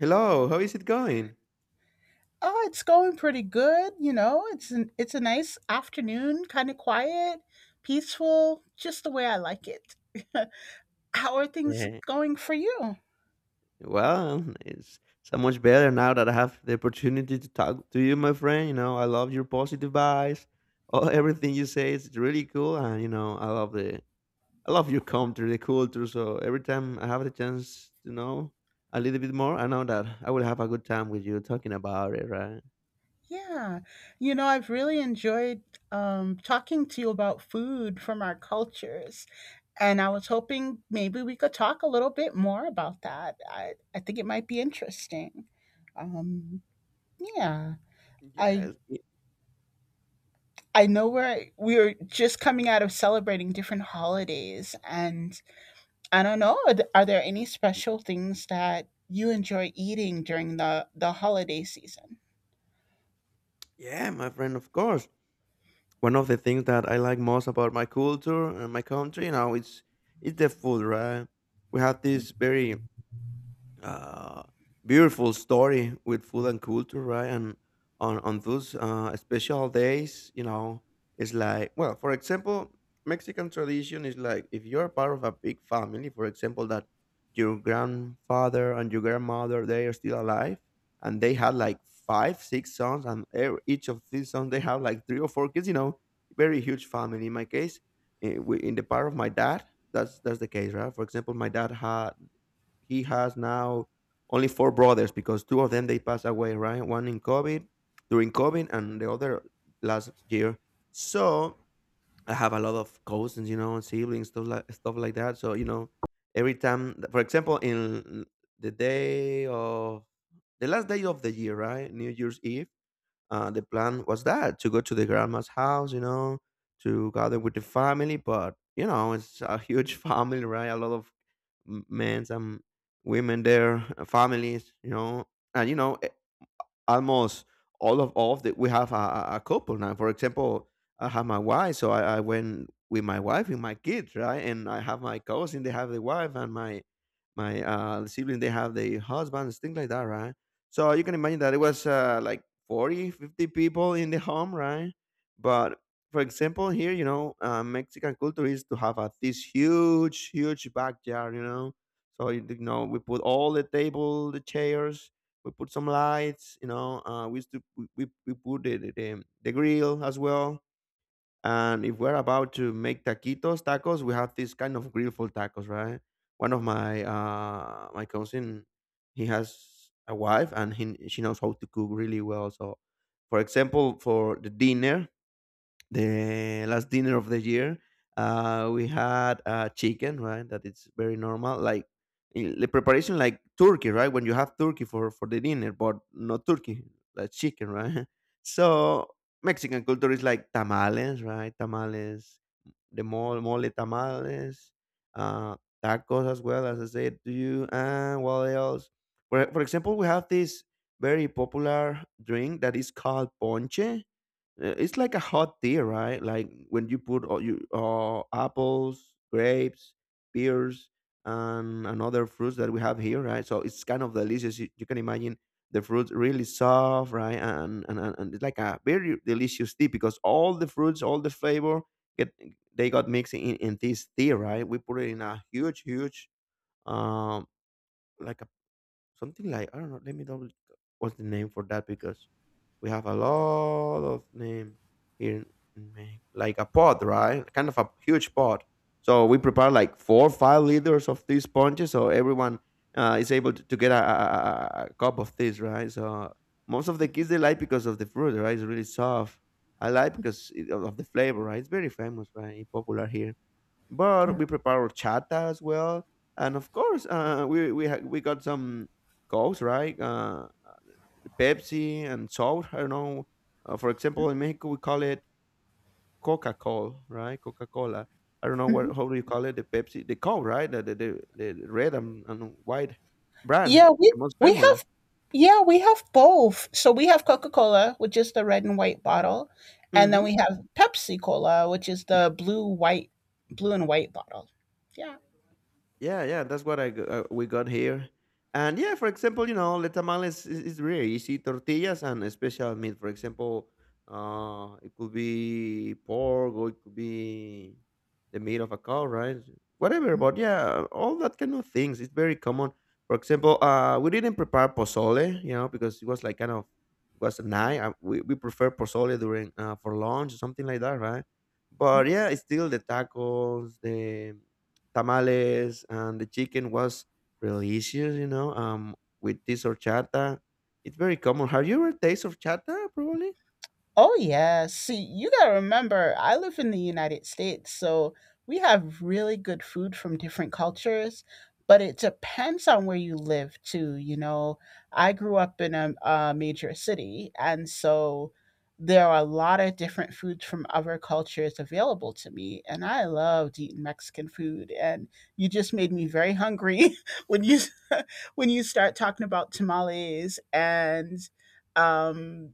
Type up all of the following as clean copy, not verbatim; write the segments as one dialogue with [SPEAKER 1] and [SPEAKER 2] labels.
[SPEAKER 1] Hello, how is it going?
[SPEAKER 2] Oh, it's going pretty good. You know, it's a nice afternoon, kind of quiet, peaceful, just the way I like it. How are things
[SPEAKER 1] Yeah,
[SPEAKER 2] going for you?
[SPEAKER 1] well, it's so much better now that I have the opportunity to talk to you, my friend. You know, I love your positive vibes. Oh, everything you say is really cool, and you know, I love I love your culture, the culture. So every time I have the chance to know a little bit more, I know that I will have a good time with you talking about it, right?
[SPEAKER 2] Yeah, you know, I've really enjoyed talking to you about food from our cultures, and I was hoping maybe we could talk a little bit more about that. I think it might be interesting. Um, yeah, I
[SPEAKER 1] Yes,
[SPEAKER 2] know we are just coming out of celebrating different holidays, and I don't know. Are there any special things that you enjoy eating during the holiday season?
[SPEAKER 1] yeah, my friend, of course. One of the things that I like most about my culture and my country, you know, it's the food, right? We have this very uh, beautiful story with food and culture, right? And on those special days, you know, it's like well, for example, Mexican tradition is like if you're part of a big family, for example, that your grandfather and your grandmother they are still alive, and they had like five, six sons, and each of these sons they have like three or four kids. You know, very huge family. In my case, in the part of my dad, that's the case, right? For example, my dad had he has now only four brothers because two of them they passed away, right? One in COVID, during COVID, and the other last year. So I have a lot of cousins, you know, and siblings, stuff like that. So you know, every time, for example, in the day of the last day of the year, right, New Year's Eve, the plan was that to go to the grandma's house, you know, to gather with the family. But you know, it's a huge family, right? A lot of men and women, their families, you know, and you know almost all of the we have a couple now. For example, I have my wife, so I went with my wife and my kids, right? And I have my cousin, they have the wife, and my sibling, they have the husbands, things like that, right? So you can imagine that it was like 40, 50 people in the home, right? But for example, here, you know, Mexican culture is to have this huge, huge backyard, you know. So, you know, we put all the table, the chairs, we put some lights you know we used to we put the grill as well, and if we're about to make taquitos tacos we have this kind of grill for tacos, right? One of my my cousin, he has a wife and he, she knows how to cook really well. So for example for the dinner, the last dinner of the year, we had chicken, right? That it's very normal, like in the preparation, like turkey, right? When you have turkey for the dinner, but not turkey, like chicken, right? So Mexican culture is like tamales, right? Tamales, mole tamales, uh, tacos as well as I said to you, and what else? For example, we have this very popular drink that is called ponche. It's like a hot tea, right? Like when you put all you apples, grapes, pears, and another fruits that we have here, right? So it's kind of delicious. You can imagine the fruits really soft, right? And it's like a very delicious tea because all the fruits, all the flavor get they got mixed in this tea, right? We put it in a huge, huge um like a something like I don't know. Let me double. What's the name for that? Because we have a lot of name here in Mexico, like a pod, right? Kind of a huge pod. So we prepare like 4 or 5 liters of these punches, so everyone is able to get a cup of this, right? So most of the kids they like because of the fruit, right? It's really soft. I like because of the flavor, right? It's very famous, right? Popular here. But we prepare horchata as well, and of course, we got some cows, right? Pepsi and salt. I don't know. For example, in Mexico we call it Coca-Cola, right? Coca-Cola. I don't know what how do you call it? The Pepsi, the Coke, right? The red and white brand,
[SPEAKER 2] Yeah,
[SPEAKER 1] the most
[SPEAKER 2] we
[SPEAKER 1] famous.
[SPEAKER 2] have yeah we have both. So we have Coca Cola, which is the red and white bottle, and then we
[SPEAKER 1] Hmm.
[SPEAKER 2] have Pepsi Cola, which is the blue and white bottle. Yeah.
[SPEAKER 1] Yeah, yeah, that's what we got here. And yeah, for example, you know, is really easy. Tortillas and a special meat. For example, it could be pork or it could be the meat of a cow, right? Whatever. But yeah, all that kind of things. It's very common. For example, we didn't prepare pozole, you know, because it was like kind of it was a night. We prefer pozole during for lunch or something like that, right? But yeah, it's still the tacos, the tamales, and the chicken was delicious, you know, with this horchata. It's very common. Have you ever tasted horchata, probably?
[SPEAKER 2] Oh yeah. See, you gotta remember, I live in the United States, so we have really good food from different cultures, but it depends on where you live too. You know, I grew up in a major city, and so there are a lot of different foods from other cultures available to me, and I loved eating Mexican food. And you just made me very hungry when you when you start talking about tamales and um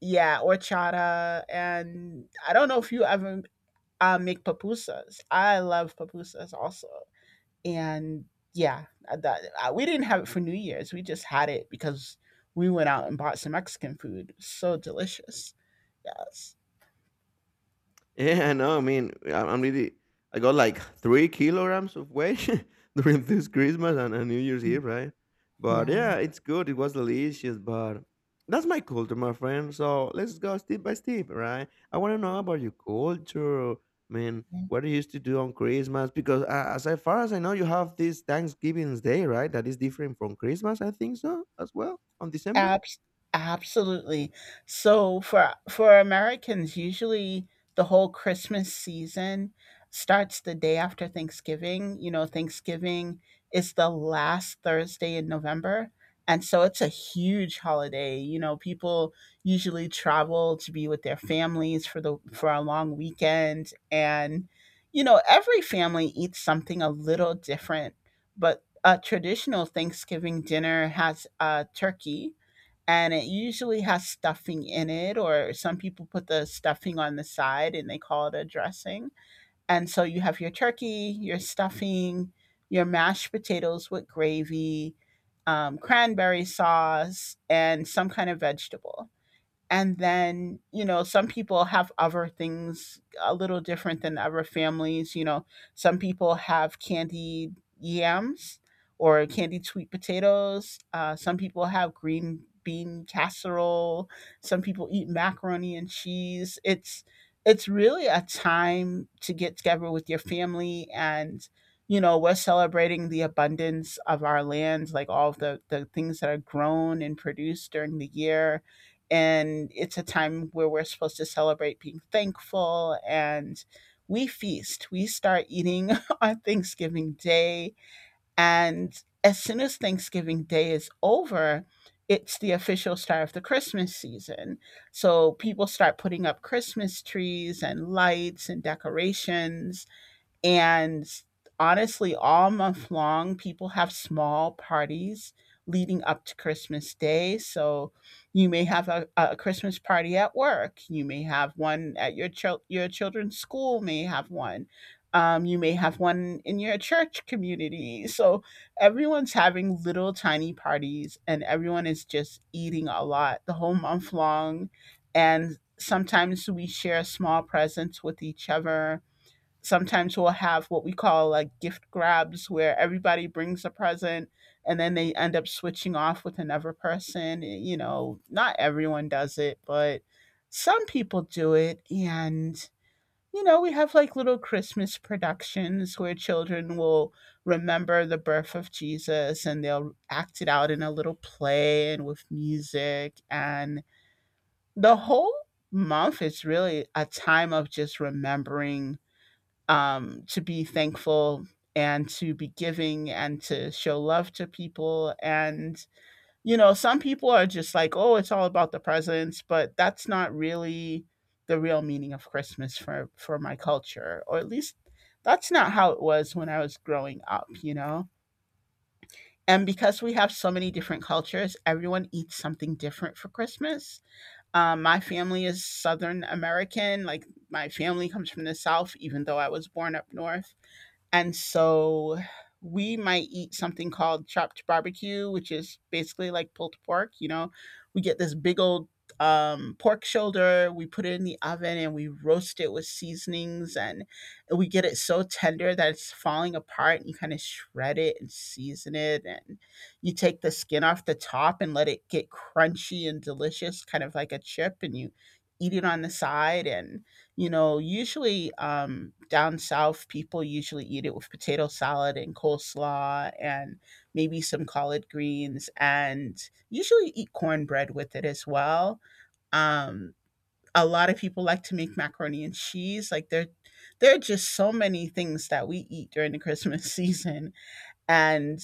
[SPEAKER 2] yeah, horchata, and I don't know if you ever make pupusas. I love pupusas also, and yeah, that we didn't have it for New Year's. We just had it because we went out and bought some Mexican food. So delicious. Yes.
[SPEAKER 1] Yeah, no, I mean, I'm really, I got like 3 kilograms of weight during this Christmas and New Year's Eve, right? But
[SPEAKER 2] Yeah.
[SPEAKER 1] yeah, it's good. It was delicious, but that's my culture, my friend. So let's go step by step, right? I want to know about your culture. I mean, what you used to do on Christmas, because far as I know, you have this Thanksgiving Day, right? That is different from Christmas, I think so, as well, on December.
[SPEAKER 2] Abs- Absolutely. So for Americans, usually the whole Christmas season starts the day after Thanksgiving. You know, Thanksgiving is the last Thursday in November. And so it's a huge holiday. You know, people usually travel to be with their families for the for a long weekend, and you know, every family eats something a little different, but a traditional Thanksgiving dinner has turkey, and it usually has stuffing in it, or some people put the stuffing on the side and they call it a dressing. And so you have your turkey, your stuffing, your mashed potatoes with gravy, cranberry sauce, and some kind of vegetable. And then, you know, some people have other things a little different than other families. You know, some people have candied yams or candied sweet potatoes. Some people have green bean casserole, some people eat macaroni and cheese. It's really a time to get together with your family, and you know, we're celebrating the abundance of our land, like all of the things that are grown and produced during the year. And it's a time where we're supposed to celebrate being thankful, and we feast. We start eating on Thanksgiving Day. And as soon as Thanksgiving Day is over, it's the official start of the Christmas season. So people start putting up Christmas trees and lights and decorations. And honestly, all month long, people have small parties leading up to Christmas Day. So you may have a Christmas party at work. You may have one at your your children's school. May have one. You may have one in your church community. So everyone's having little tiny parties, and everyone is just eating a lot the whole month long. And sometimes we share small presents with each other. Sometimes we'll have what we call like gift grabs, where everybody brings a present and then they end up switching off with another person. Eh, you know, not everyone does it, but some people do it. And you know, we have like little Christmas productions where children will remember the birth of Jesus, and they'll act it out in a little play and with music. And the whole month is really a time of just remembering, to be thankful and to be giving and to show love to people. And, you know, some people are just like, oh, it's all about the presents, but that's not really the real meaning of Christmas for my culture, or at least that's not how it was when I was growing up, you know? And because we have so many different cultures, everyone eats something different for Christmas. My family is Southern American. Like, my family comes from the South, even though I was born up north. And so we might eat something called chopped barbecue, which is basically like pulled pork. You know, we get this big old pork shoulder, we put it in the oven and we roast it with seasonings, and we get it so tender that it's falling apart. And you kind of shred it and season it, and you take the skin off the top and let it get crunchy and delicious, kind of like a chip, and you eat it on the side. And you know, usually down south, people usually eat it with potato salad and coleslaw and maybe some collard greens, and usually eat cornbread with it as well. Um, a lot of people like to make macaroni and cheese. Like there are just so many things that we eat during the Christmas season, and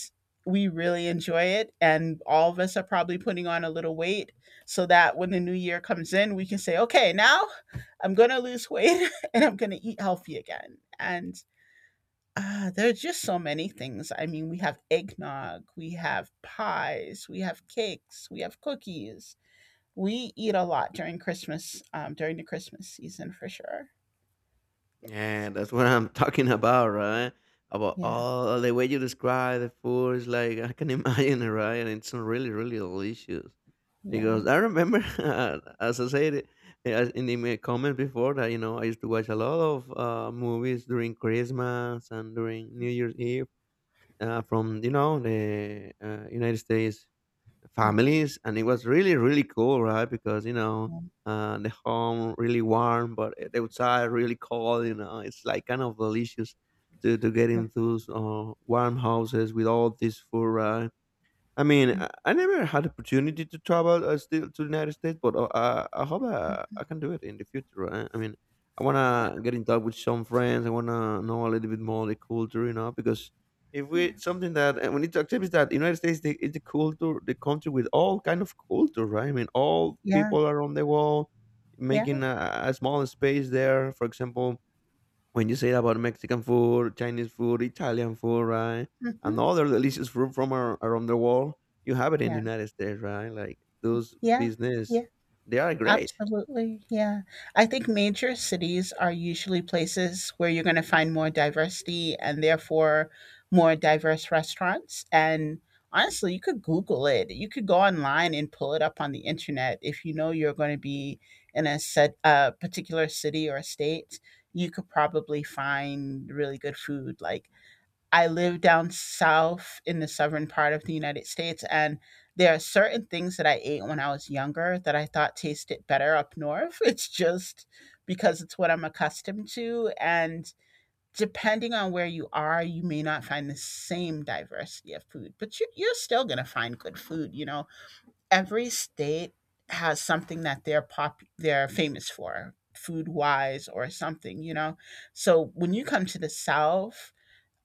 [SPEAKER 2] we really enjoy it. And all of us are probably putting on a little weight so that when the new year comes in, we can say, okay, now I'm going to lose weight and I'm going to eat healthy again. And there are just so many things. I mean, we have eggnog, we have pies, we have cakes, we have cookies. We eat a lot during Christmas, during the Christmas season for sure. Yes.
[SPEAKER 1] Yeah, that's what I'm talking about, right? About
[SPEAKER 2] Yeah.
[SPEAKER 1] all the way you describe the food is like I can imagine it, right? And it's really, really delicious. Because
[SPEAKER 2] Yeah.
[SPEAKER 1] I remember, as I said it, as in the my comment before, that you know I used to watch a lot of movies during Christmas and during New Year's Eve, from you know the United States families, and it was really really cool, right? Because you know
[SPEAKER 2] Yeah.
[SPEAKER 1] the home really warm, but the outside really cold. You know, it's like kind of delicious to get
[SPEAKER 2] Yeah.
[SPEAKER 1] into those warm houses with all this food, right? I mean,
[SPEAKER 2] Mm-hmm.
[SPEAKER 1] I never had opportunity to travel still to the United States, but I hope I can do it in the future. I mean, I wanna get in touch with some friends. I wanna know a little bit more the culture, you know, because if we
[SPEAKER 2] Yeah.
[SPEAKER 1] something that and we need to accept is that United States is the culture, the country with all kind of culture, right? I mean, all
[SPEAKER 2] Yeah.
[SPEAKER 1] people around the world
[SPEAKER 2] Yeah.
[SPEAKER 1] making a small space there. For example, when you say about Mexican food, Chinese food, Italian food, right,
[SPEAKER 2] Mm-hmm.
[SPEAKER 1] and other delicious food from around the world, you have it in the
[SPEAKER 2] Yeah. Hmm.
[SPEAKER 1] United States, right? Like those
[SPEAKER 2] Yeah, yeah,
[SPEAKER 1] business, they are great.
[SPEAKER 2] absolutely, yeah. I think major cities are usually places where you're gonna find more diversity, and therefore more diverse restaurants. And honestly, you could Google it. You could go online and pull it up on the internet if you know you're gonna be in a particular city or state, you could probably find really good food. Like, I live down south in the southern part of the United States, and there are certain things that I ate when I was younger that I thought tasted better up north. It's just because it's what I'm accustomed to. And depending on where you are, you may not find the same diversity of food, but you're still going to find good food. You know, every state has something that they're famous for food wise or something, you know. So when you come to the south,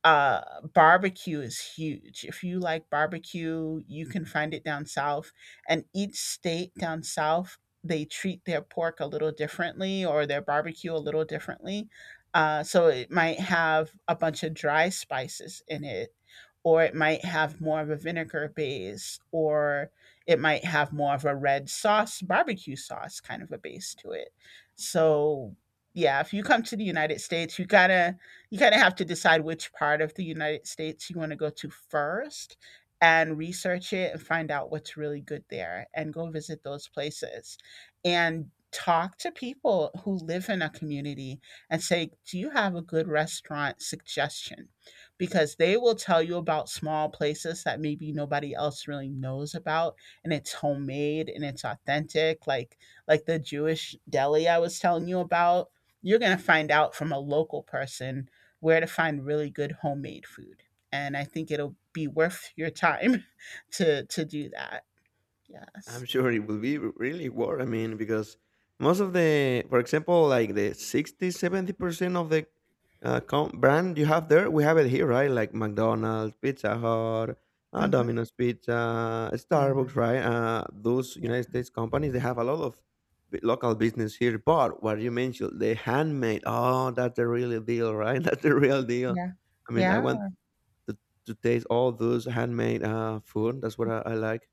[SPEAKER 2] barbecue is huge. If you like barbecue, you can find it down south. And each state down south, they treat their pork a little differently or their barbecue a little differently. So it might have a bunch of dry spices in it, or it might have more of a vinegar base, or it might have more of a red sauce, barbecue sauce kind of a base to it. So, yeah, if you come to the United States, you gotta you kind of have to decide which part of the United States you want to go to first, and research it and find out what's really good there, and go visit those places and talk to people who live in a community and say, do you have a good restaurant suggestion? Because they will tell you about small places that maybe nobody else really knows about, and it's homemade and it's authentic, like the Jewish deli I was telling you about. You're going to find out from a local person where to find really good homemade food. And I think it'll be worth your time to do that. Yes.
[SPEAKER 1] I'm sure it will be really war. I mean, because most of the, for example, like the 60, 70% of the brand you have there, we have it here, right? Like McDonald's, Pizza Hut,
[SPEAKER 2] Hmm.
[SPEAKER 1] Domino's Pizza,
[SPEAKER 2] Yeah.
[SPEAKER 1] Starbucks, right? Those
[SPEAKER 2] Yeah.
[SPEAKER 1] United States companies, they have a lot of local business here. But what you mentioned, the handmade, oh, that's the real deal, right? That's the real deal.
[SPEAKER 2] Yeah.
[SPEAKER 1] I mean, I want
[SPEAKER 2] Yeah.
[SPEAKER 1] to, to taste all those handmade food. That's what I like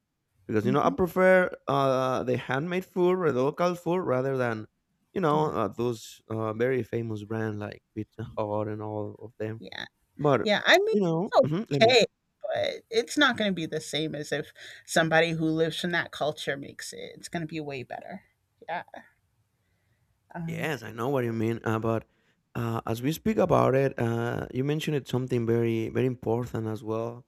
[SPEAKER 1] because you know I
[SPEAKER 2] Hmm.
[SPEAKER 1] prefer the handmade food or the local food rather than you know
[SPEAKER 2] Yeah.
[SPEAKER 1] those very famous brands like Pizza Hut and all of them.
[SPEAKER 2] Yeah.
[SPEAKER 1] But
[SPEAKER 2] Yeah. I mean,
[SPEAKER 1] you know,
[SPEAKER 2] it's
[SPEAKER 1] let me.
[SPEAKER 2] okay, but it's not going to be the same as if somebody who lives in that culture makes it. It's going to be way better. Yeah. Um,
[SPEAKER 1] Yes, I know what you mean. But as we speak about it, you mentioned it something very very important as well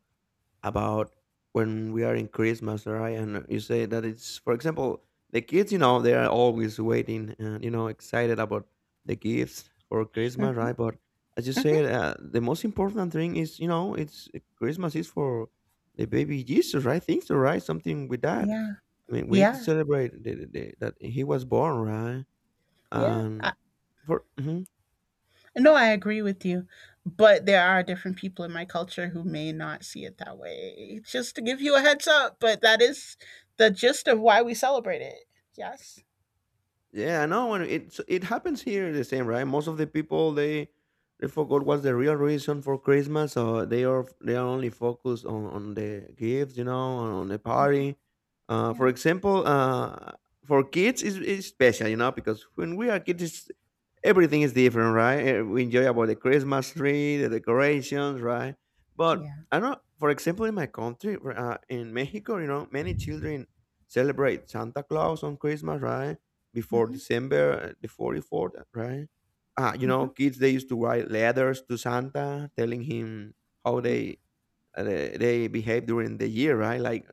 [SPEAKER 1] about when we are in Christmas, right? And you say that it's, for example, the kids, you know, they are always waiting and, you know, excited about the gifts for Christmas,
[SPEAKER 2] mhm,
[SPEAKER 1] right? But as you said,
[SPEAKER 2] mhm.
[SPEAKER 1] the most important thing is, you know, it's Christmas is for the baby Jesus, right? Things, so, right? Something with that.
[SPEAKER 2] Yeah.
[SPEAKER 1] I mean, we need to
[SPEAKER 2] Yeah.
[SPEAKER 1] celebrate that he was born, right?
[SPEAKER 2] Yeah.
[SPEAKER 1] And for mhm.
[SPEAKER 2] No, I agree with you. But there are different people in my culture who may not see it that way. Just to give you a heads up, but that is the gist of why we celebrate it. Yes.
[SPEAKER 1] Yeah, I know, and it's it happens here the same, right? Most of the people they forgot what's the real reason for Christmas, so they are only focused on the gifts, you know, on the party. For
[SPEAKER 2] Yeah.
[SPEAKER 1] example, for kids is special, you know, because when we are kids, it's, everything is different, right? We enjoy about the Christmas tree, the decorations, right? But
[SPEAKER 2] Yeah.
[SPEAKER 1] I know, for example, in my country, in Mexico, you know, many children celebrate Santa Claus on Christmas, right? Before
[SPEAKER 2] Hmm.
[SPEAKER 1] December the 44th, right? You know,
[SPEAKER 2] Hmm.
[SPEAKER 1] kids they used to write letters to Santa telling him how they behave during the year, right? Like,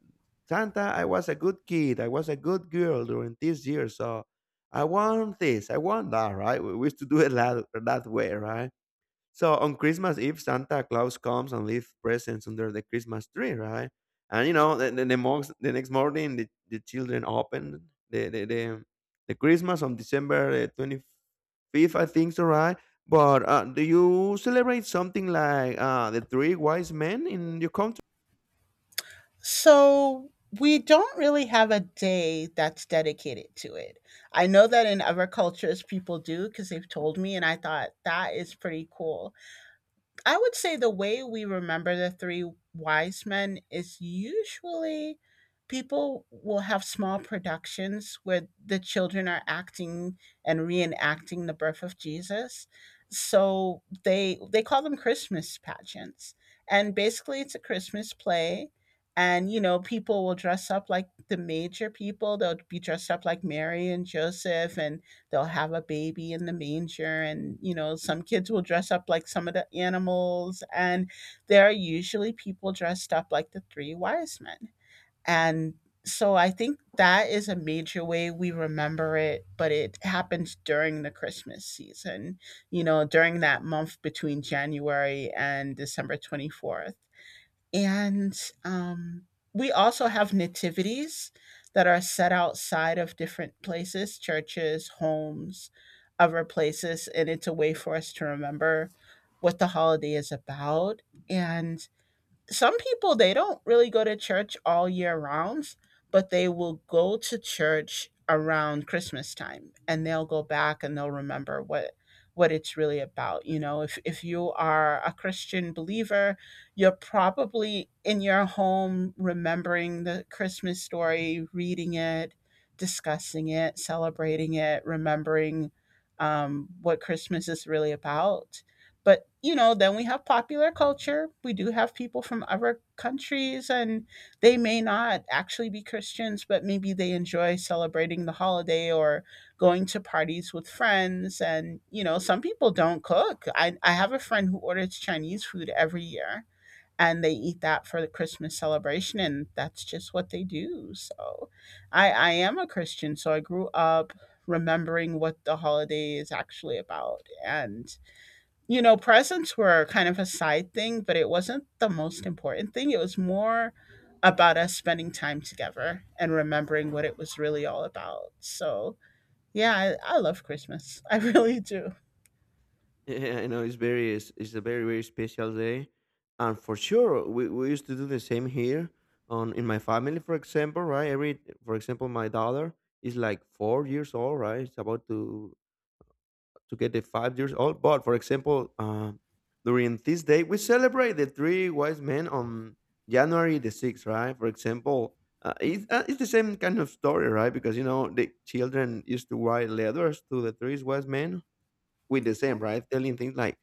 [SPEAKER 1] Santa, I was a good kid, I was a good girl during this year, so I want this, I want that, right? We used to do it that way, right? So on Christmas Eve, Santa Claus comes and leaves presents under the Christmas tree, right? And you know, the next morning, the children open the the, the the Christmas on December 25th, I think, so right. But do you celebrate something like the three wise men in your country?
[SPEAKER 2] So we don't really have a day that's dedicated to it. I know that in other cultures people do because they've told me, and I thought that is pretty cool. I would say the way we remember the three wise men is usually people will have small productions where the children are acting and reenacting the birth of Jesus. So they call them Christmas pageants. And basically it's a Christmas play, and you know people will dress up like the major people. They'll be dressed up like Mary and Joseph, and they'll have a baby in the manger, and you know some kids will dress up like some of the animals, and there are usually people dressed up like the three wise men. And so I think that is a major way we remember it, but it happens during the christmas season, you know, during that month between january and december 24th. And um, we also have nativities that are set outside of different places, churches, homes, other places. And it's a way for us to remember what the holiday is about. And some people, they don't really go to church all year round, but they will go to church around Christmas time, and they'll go back and they'll remember what it's really about. You know, if you are a Christian believer, you're probably in your home remembering the Christmas story, reading it, discussing it, celebrating it, remembering what Christmas is really about. But, you know, then we have popular culture. We do have people from other countries, and they may not actually be Christians, but maybe they enjoy celebrating the holiday or going to parties with friends. And, you know, some people don't cook. I have a friend who orders Chinese food every year. And they eat that for the Christmas celebration, and that's just what they do. So, I am a Christian, so I grew up remembering what the holiday is actually about. And you know, presents were kind of a side thing, but it wasn't the most important thing. It was more about us spending time together and remembering what it was really all about. So, yeah, I love Christmas. I really do.
[SPEAKER 1] Yeah, I know it's a very very special day, and for sure we used to do the same here on in my family. For example, right? Every for example, my daughter is like 4 years old, right? It's about to get the 5 years old. But for example, during this day we celebrate the three wise men on January the sixth, right? For example, it's the same kind of story, right? Because you know the children used to write letters to the three wise men with the same, right? Telling things like,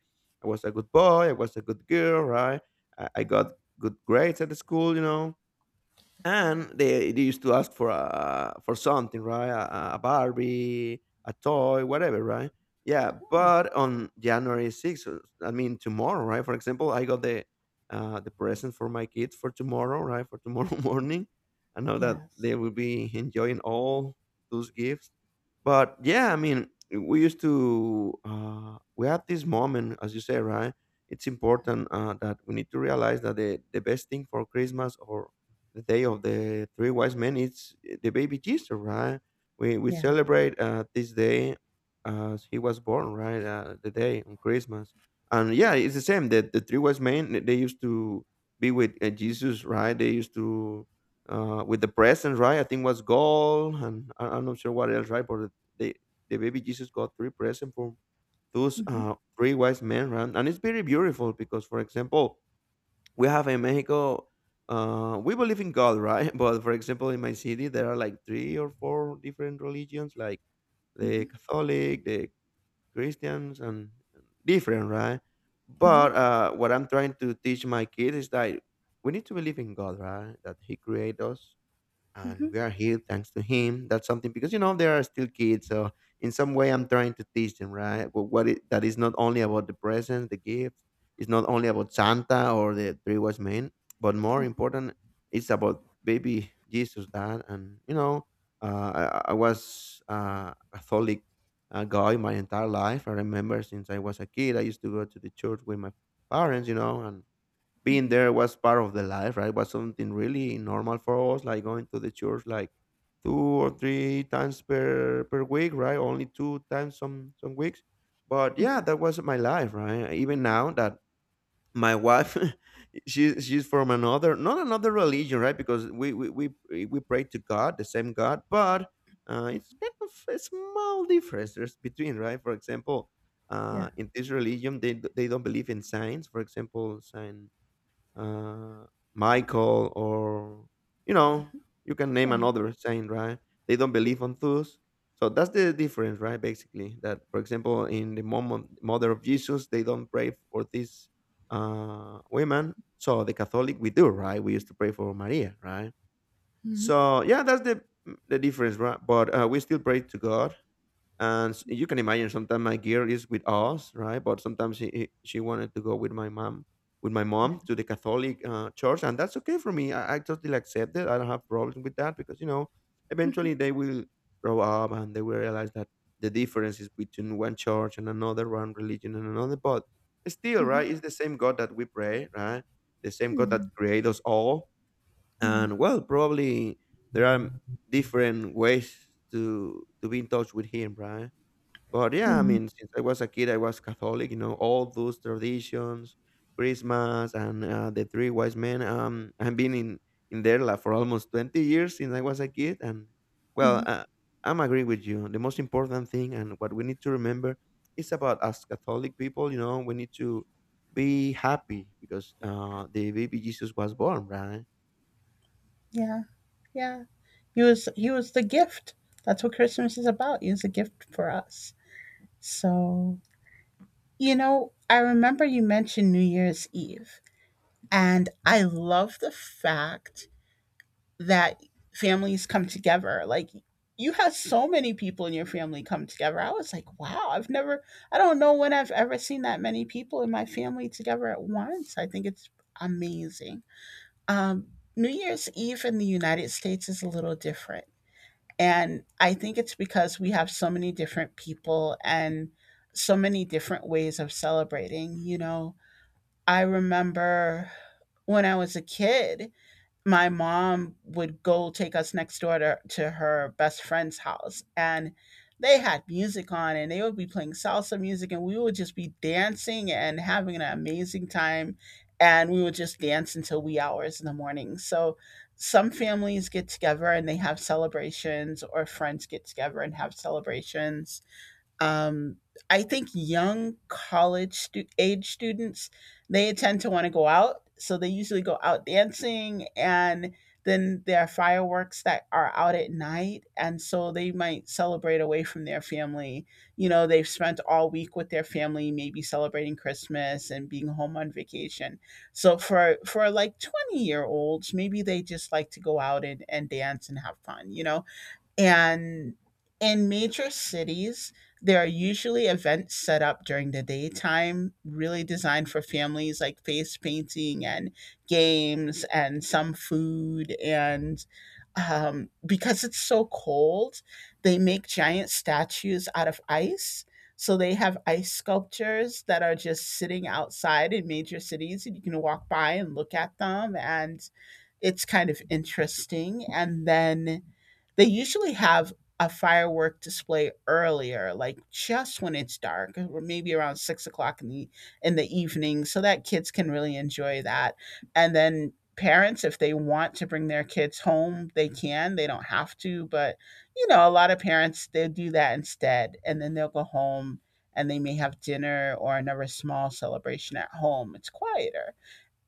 [SPEAKER 1] I was a good boy, I was a good girl, right? I got good grades at the school, you know, and they used to ask for a for something right? A barbie, a toy, whatever, right? Yeah,
[SPEAKER 2] Oh,
[SPEAKER 1] but on January 6th, I mean tomorrow, right? For example, I got the present for my kids for tomorrow, right? For tomorrow morning I know that
[SPEAKER 2] yes.
[SPEAKER 1] they will be enjoying all those gifts. But yeah, I mean, we used to we had this moment as you say, right? It's important that we need to realize that the best thing for Christmas or the day of the three wise men, it's the baby Jesus, right? We
[SPEAKER 2] Yeah.
[SPEAKER 1] celebrate this day as he was born, right? The day on Christmas. And yeah, it's the same that the three wise men they used to be with Jesus, right? They used to with the presents, right? I think was gold and I'm not sure what else, right? But the the baby Jesus got three presents from those
[SPEAKER 2] hmm
[SPEAKER 1] three wise men, right? And it's very beautiful because for example we have in Mexico, we believe in God, right? But for example, in my city, there are like three or four different religions, like the
[SPEAKER 2] hmm
[SPEAKER 1] Catholic, the Christians, and different, right?
[SPEAKER 2] hmm
[SPEAKER 1] But what I'm trying to teach my kids is that we need to believe in God, right? That He created us and we
[SPEAKER 2] hmm
[SPEAKER 1] are here thanks to Him. That's something because you know they are still kids, so in some way I'm trying to teach them, right. But that is not only about the presents, the gifts. It's not only about Santa or the three wise men, but more important, it's about baby Jesus, Dad. And you know, I was a Catholic guy my entire life. I remember since I was a kid, I used to go to the church with my parents, you know, and being there was part of the life, right? Was something really normal for us, like going to the church like two or three times per week, right? Only two times some weeks. But yeah, that was my life, right? Even now that my wife she's from another not another religion, right? Because we pray to God, the same God, but it's kind of a small difference there's between, right? For example,
[SPEAKER 2] Yeah.
[SPEAKER 1] in this religion, they don't believe in signs. For example, sign uh, Michael, or you know, you can name
[SPEAKER 2] Yeah.
[SPEAKER 1] another saint, right? They don't believe on those. So that's the difference, right? Basically, that for example, in mother of Jesus, they don't pray for these women. So the Catholic, we do, right? We used to pray for Maria, right? So yeah, that's the difference, right? But we still pray to God and you can imagine sometimes my girl is with us, right? But sometimes she wanted to go with my mom to the Catholic church, and that's okay for me. I totally accept it. I don't have problems with that because you know eventually they will grow up and they will realize that the difference is between one church and another, one religion and another, but still, right, it's the same God that we pray, right? The same God that created us all. And well, probably there are different ways to be in touch with Him, right? But yeah, I
[SPEAKER 2] hmm
[SPEAKER 1] mean, since I was a kid, I was Catholic. You know, all those traditions, Christmas, and the Three Wise Men. I've been in there like, for almost 20 years since I was a kid, and well, I'm agree with you. The most important thing and what we need to remember is about us Catholic people. You know, we need to be happy because the baby Jesus was born, right?
[SPEAKER 2] Yeah. Yeah. He was the gift. That's what Christmas is about. He was a gift for us. So you know, I remember you mentioned New Year's Eve. And I love the fact that families come together. Like, you had so many people in your family come together. I was like, wow, I've never, I don't know when I've ever seen that many people in my family together at once. I think it's amazing. Um, New Year's Eve in the United States is a little different. And I think it's because we have so many different people and so many different ways of celebrating. You know, I remember when I was a kid, my mom would go take us next door to her best friend's house, and they had music on, and they would be playing salsa music, and we would just be dancing and having an amazing time, and we would just dance until wee hours in the morning. So some families get together and they have celebrations, or friends get together and have celebrations. um, I think young college stu- age students, they tend to want to go out, so they usually go out dancing, and then there are fireworks that are out at night, and so they might celebrate away from their family. You know, they've spent all week with their family, maybe celebrating Christmas and being home on vacation. So for like 20 year olds, maybe they just like to go out and dance and have fun. You know, and in major cities, there are usually events set up during the daytime, really designed for families, like face painting and games and some food. And because it's so cold, they make giant statues out of ice. So they have ice sculptures that are just sitting outside in major cities, and you can walk by and look at them. And it's kind of interesting. And then they usually have a firework display earlier, like just when it's dark, or maybe around 6 o'clock in the evening, so that kids can really enjoy that. And then parents, if they want to bring their kids home, they can. They don't have to, but you know, a lot of parents, they'll do that instead, and then they'll go home and they may have dinner or another small celebration at home. It's quieter.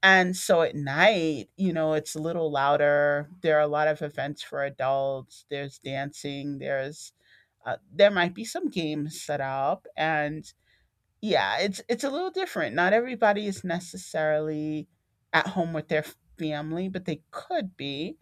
[SPEAKER 2] And so at night, you know, it's a little louder. There are a lot of events for adults. There's dancing. There's there might be some games set up, and yeah, it's a little different. Not everybody is necessarily at home with their family, but they could be.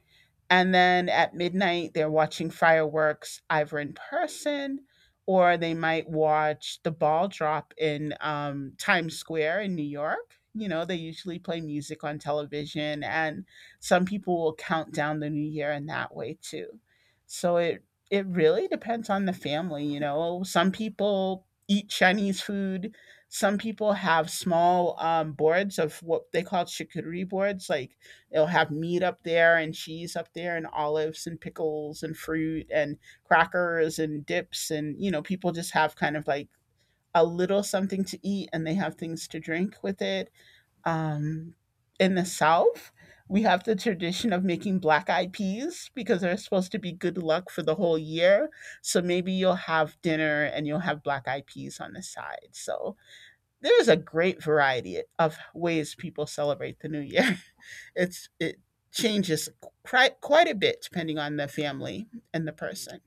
[SPEAKER 2] And then at midnight, they're watching fireworks either in person, or they might watch the ball drop in Times Square in New York. You know, they usually play music on television, and some people will count down the new year in that way too. So it really depends on the family. You know, some people eat Chinese food. Some people have small boards of what they call charcuterie boards, like, they'll have meat up there and cheese up there and olives and pickles and fruit and crackers and dips, and you know people just have kind of like a little something to eat, and they have things to drink with it. Um, in the South, we have the tradition of making black eyed peas because they're supposed to be good luck for the whole year. So maybe you'll have dinner and you'll have black eyed peas on the side. So there's a great variety of ways people celebrate the new year. It changes quite a bit depending on the family and the person.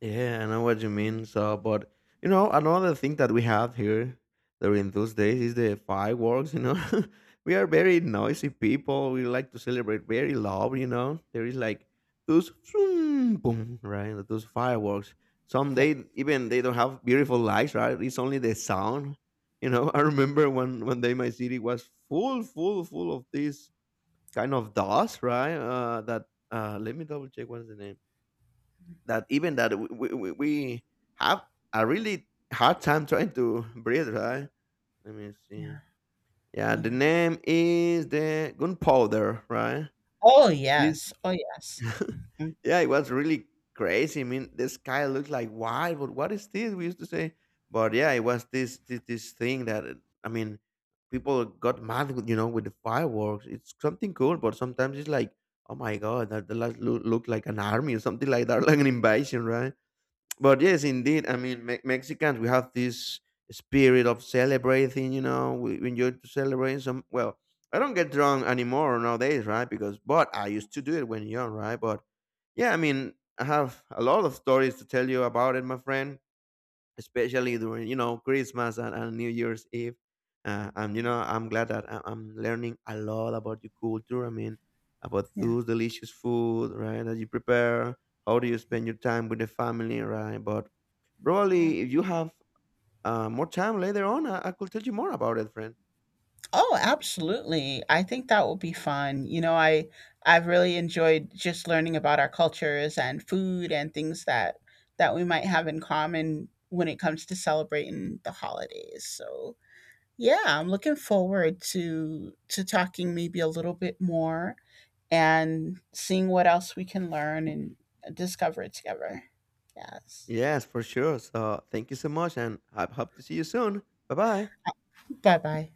[SPEAKER 1] Yeah, I know what you mean. So, but you know, another thing that we have here during those days is the fireworks. You know, we are very noisy people. We like to celebrate very loud. You know, there is like those boom, boom, right? Like, those fireworks. Some
[SPEAKER 2] Yeah.
[SPEAKER 1] they even they don't have beautiful lights, right? It's only the sound. You know, I remember one day my city was full, full, full of this kind of dust, right? That let me double check what's the name that even that we have a really hard time trying to breathe, right? Let me see.
[SPEAKER 2] Yeah,
[SPEAKER 1] Yeah, the
[SPEAKER 2] yeah.
[SPEAKER 1] name is the gunpowder, right?
[SPEAKER 2] Oh,
[SPEAKER 1] This,
[SPEAKER 2] yes. Oh, yes. Mm,
[SPEAKER 1] yeah, it was really crazy. I mean, the sky looked like why? But what is this? We used to say, but yeah, it was this thing that I mean, people got mad, with, you know, with the fireworks. It's something cool, but sometimes it's like, oh my God, that the look like an army or something like that, like an invasion, right? But yes, indeed. I mean, Mexicans, we have this spirit of celebrating. You know, we enjoy to celebrate. Some Well, I don't get drunk anymore nowadays, right? Because but I used to do it when young, right? But yeah, I mean, I have a lot of stories to tell you about it, my friend. Especially during you know Christmas and New Year's Eve. And you know, I'm glad that I'm learning a lot about your culture. I mean, about
[SPEAKER 2] yeah.
[SPEAKER 1] those delicious food, right? That you prepare. How do you spend your time with the family, right? But probably if you have more time later on, I could tell you more about it, friend.
[SPEAKER 2] Oh, absolutely. I think that will be fun. You know, I I've really enjoyed just learning about our cultures and food and things that that we might have in common when it comes to celebrating the holidays. So, yeah, I'm looking forward to talking maybe a little bit more and seeing what else we can learn and discover it together. Yes.
[SPEAKER 1] Yes, for sure. So thank you so much and I hope to see you soon. Bye bye.
[SPEAKER 2] Bye bye.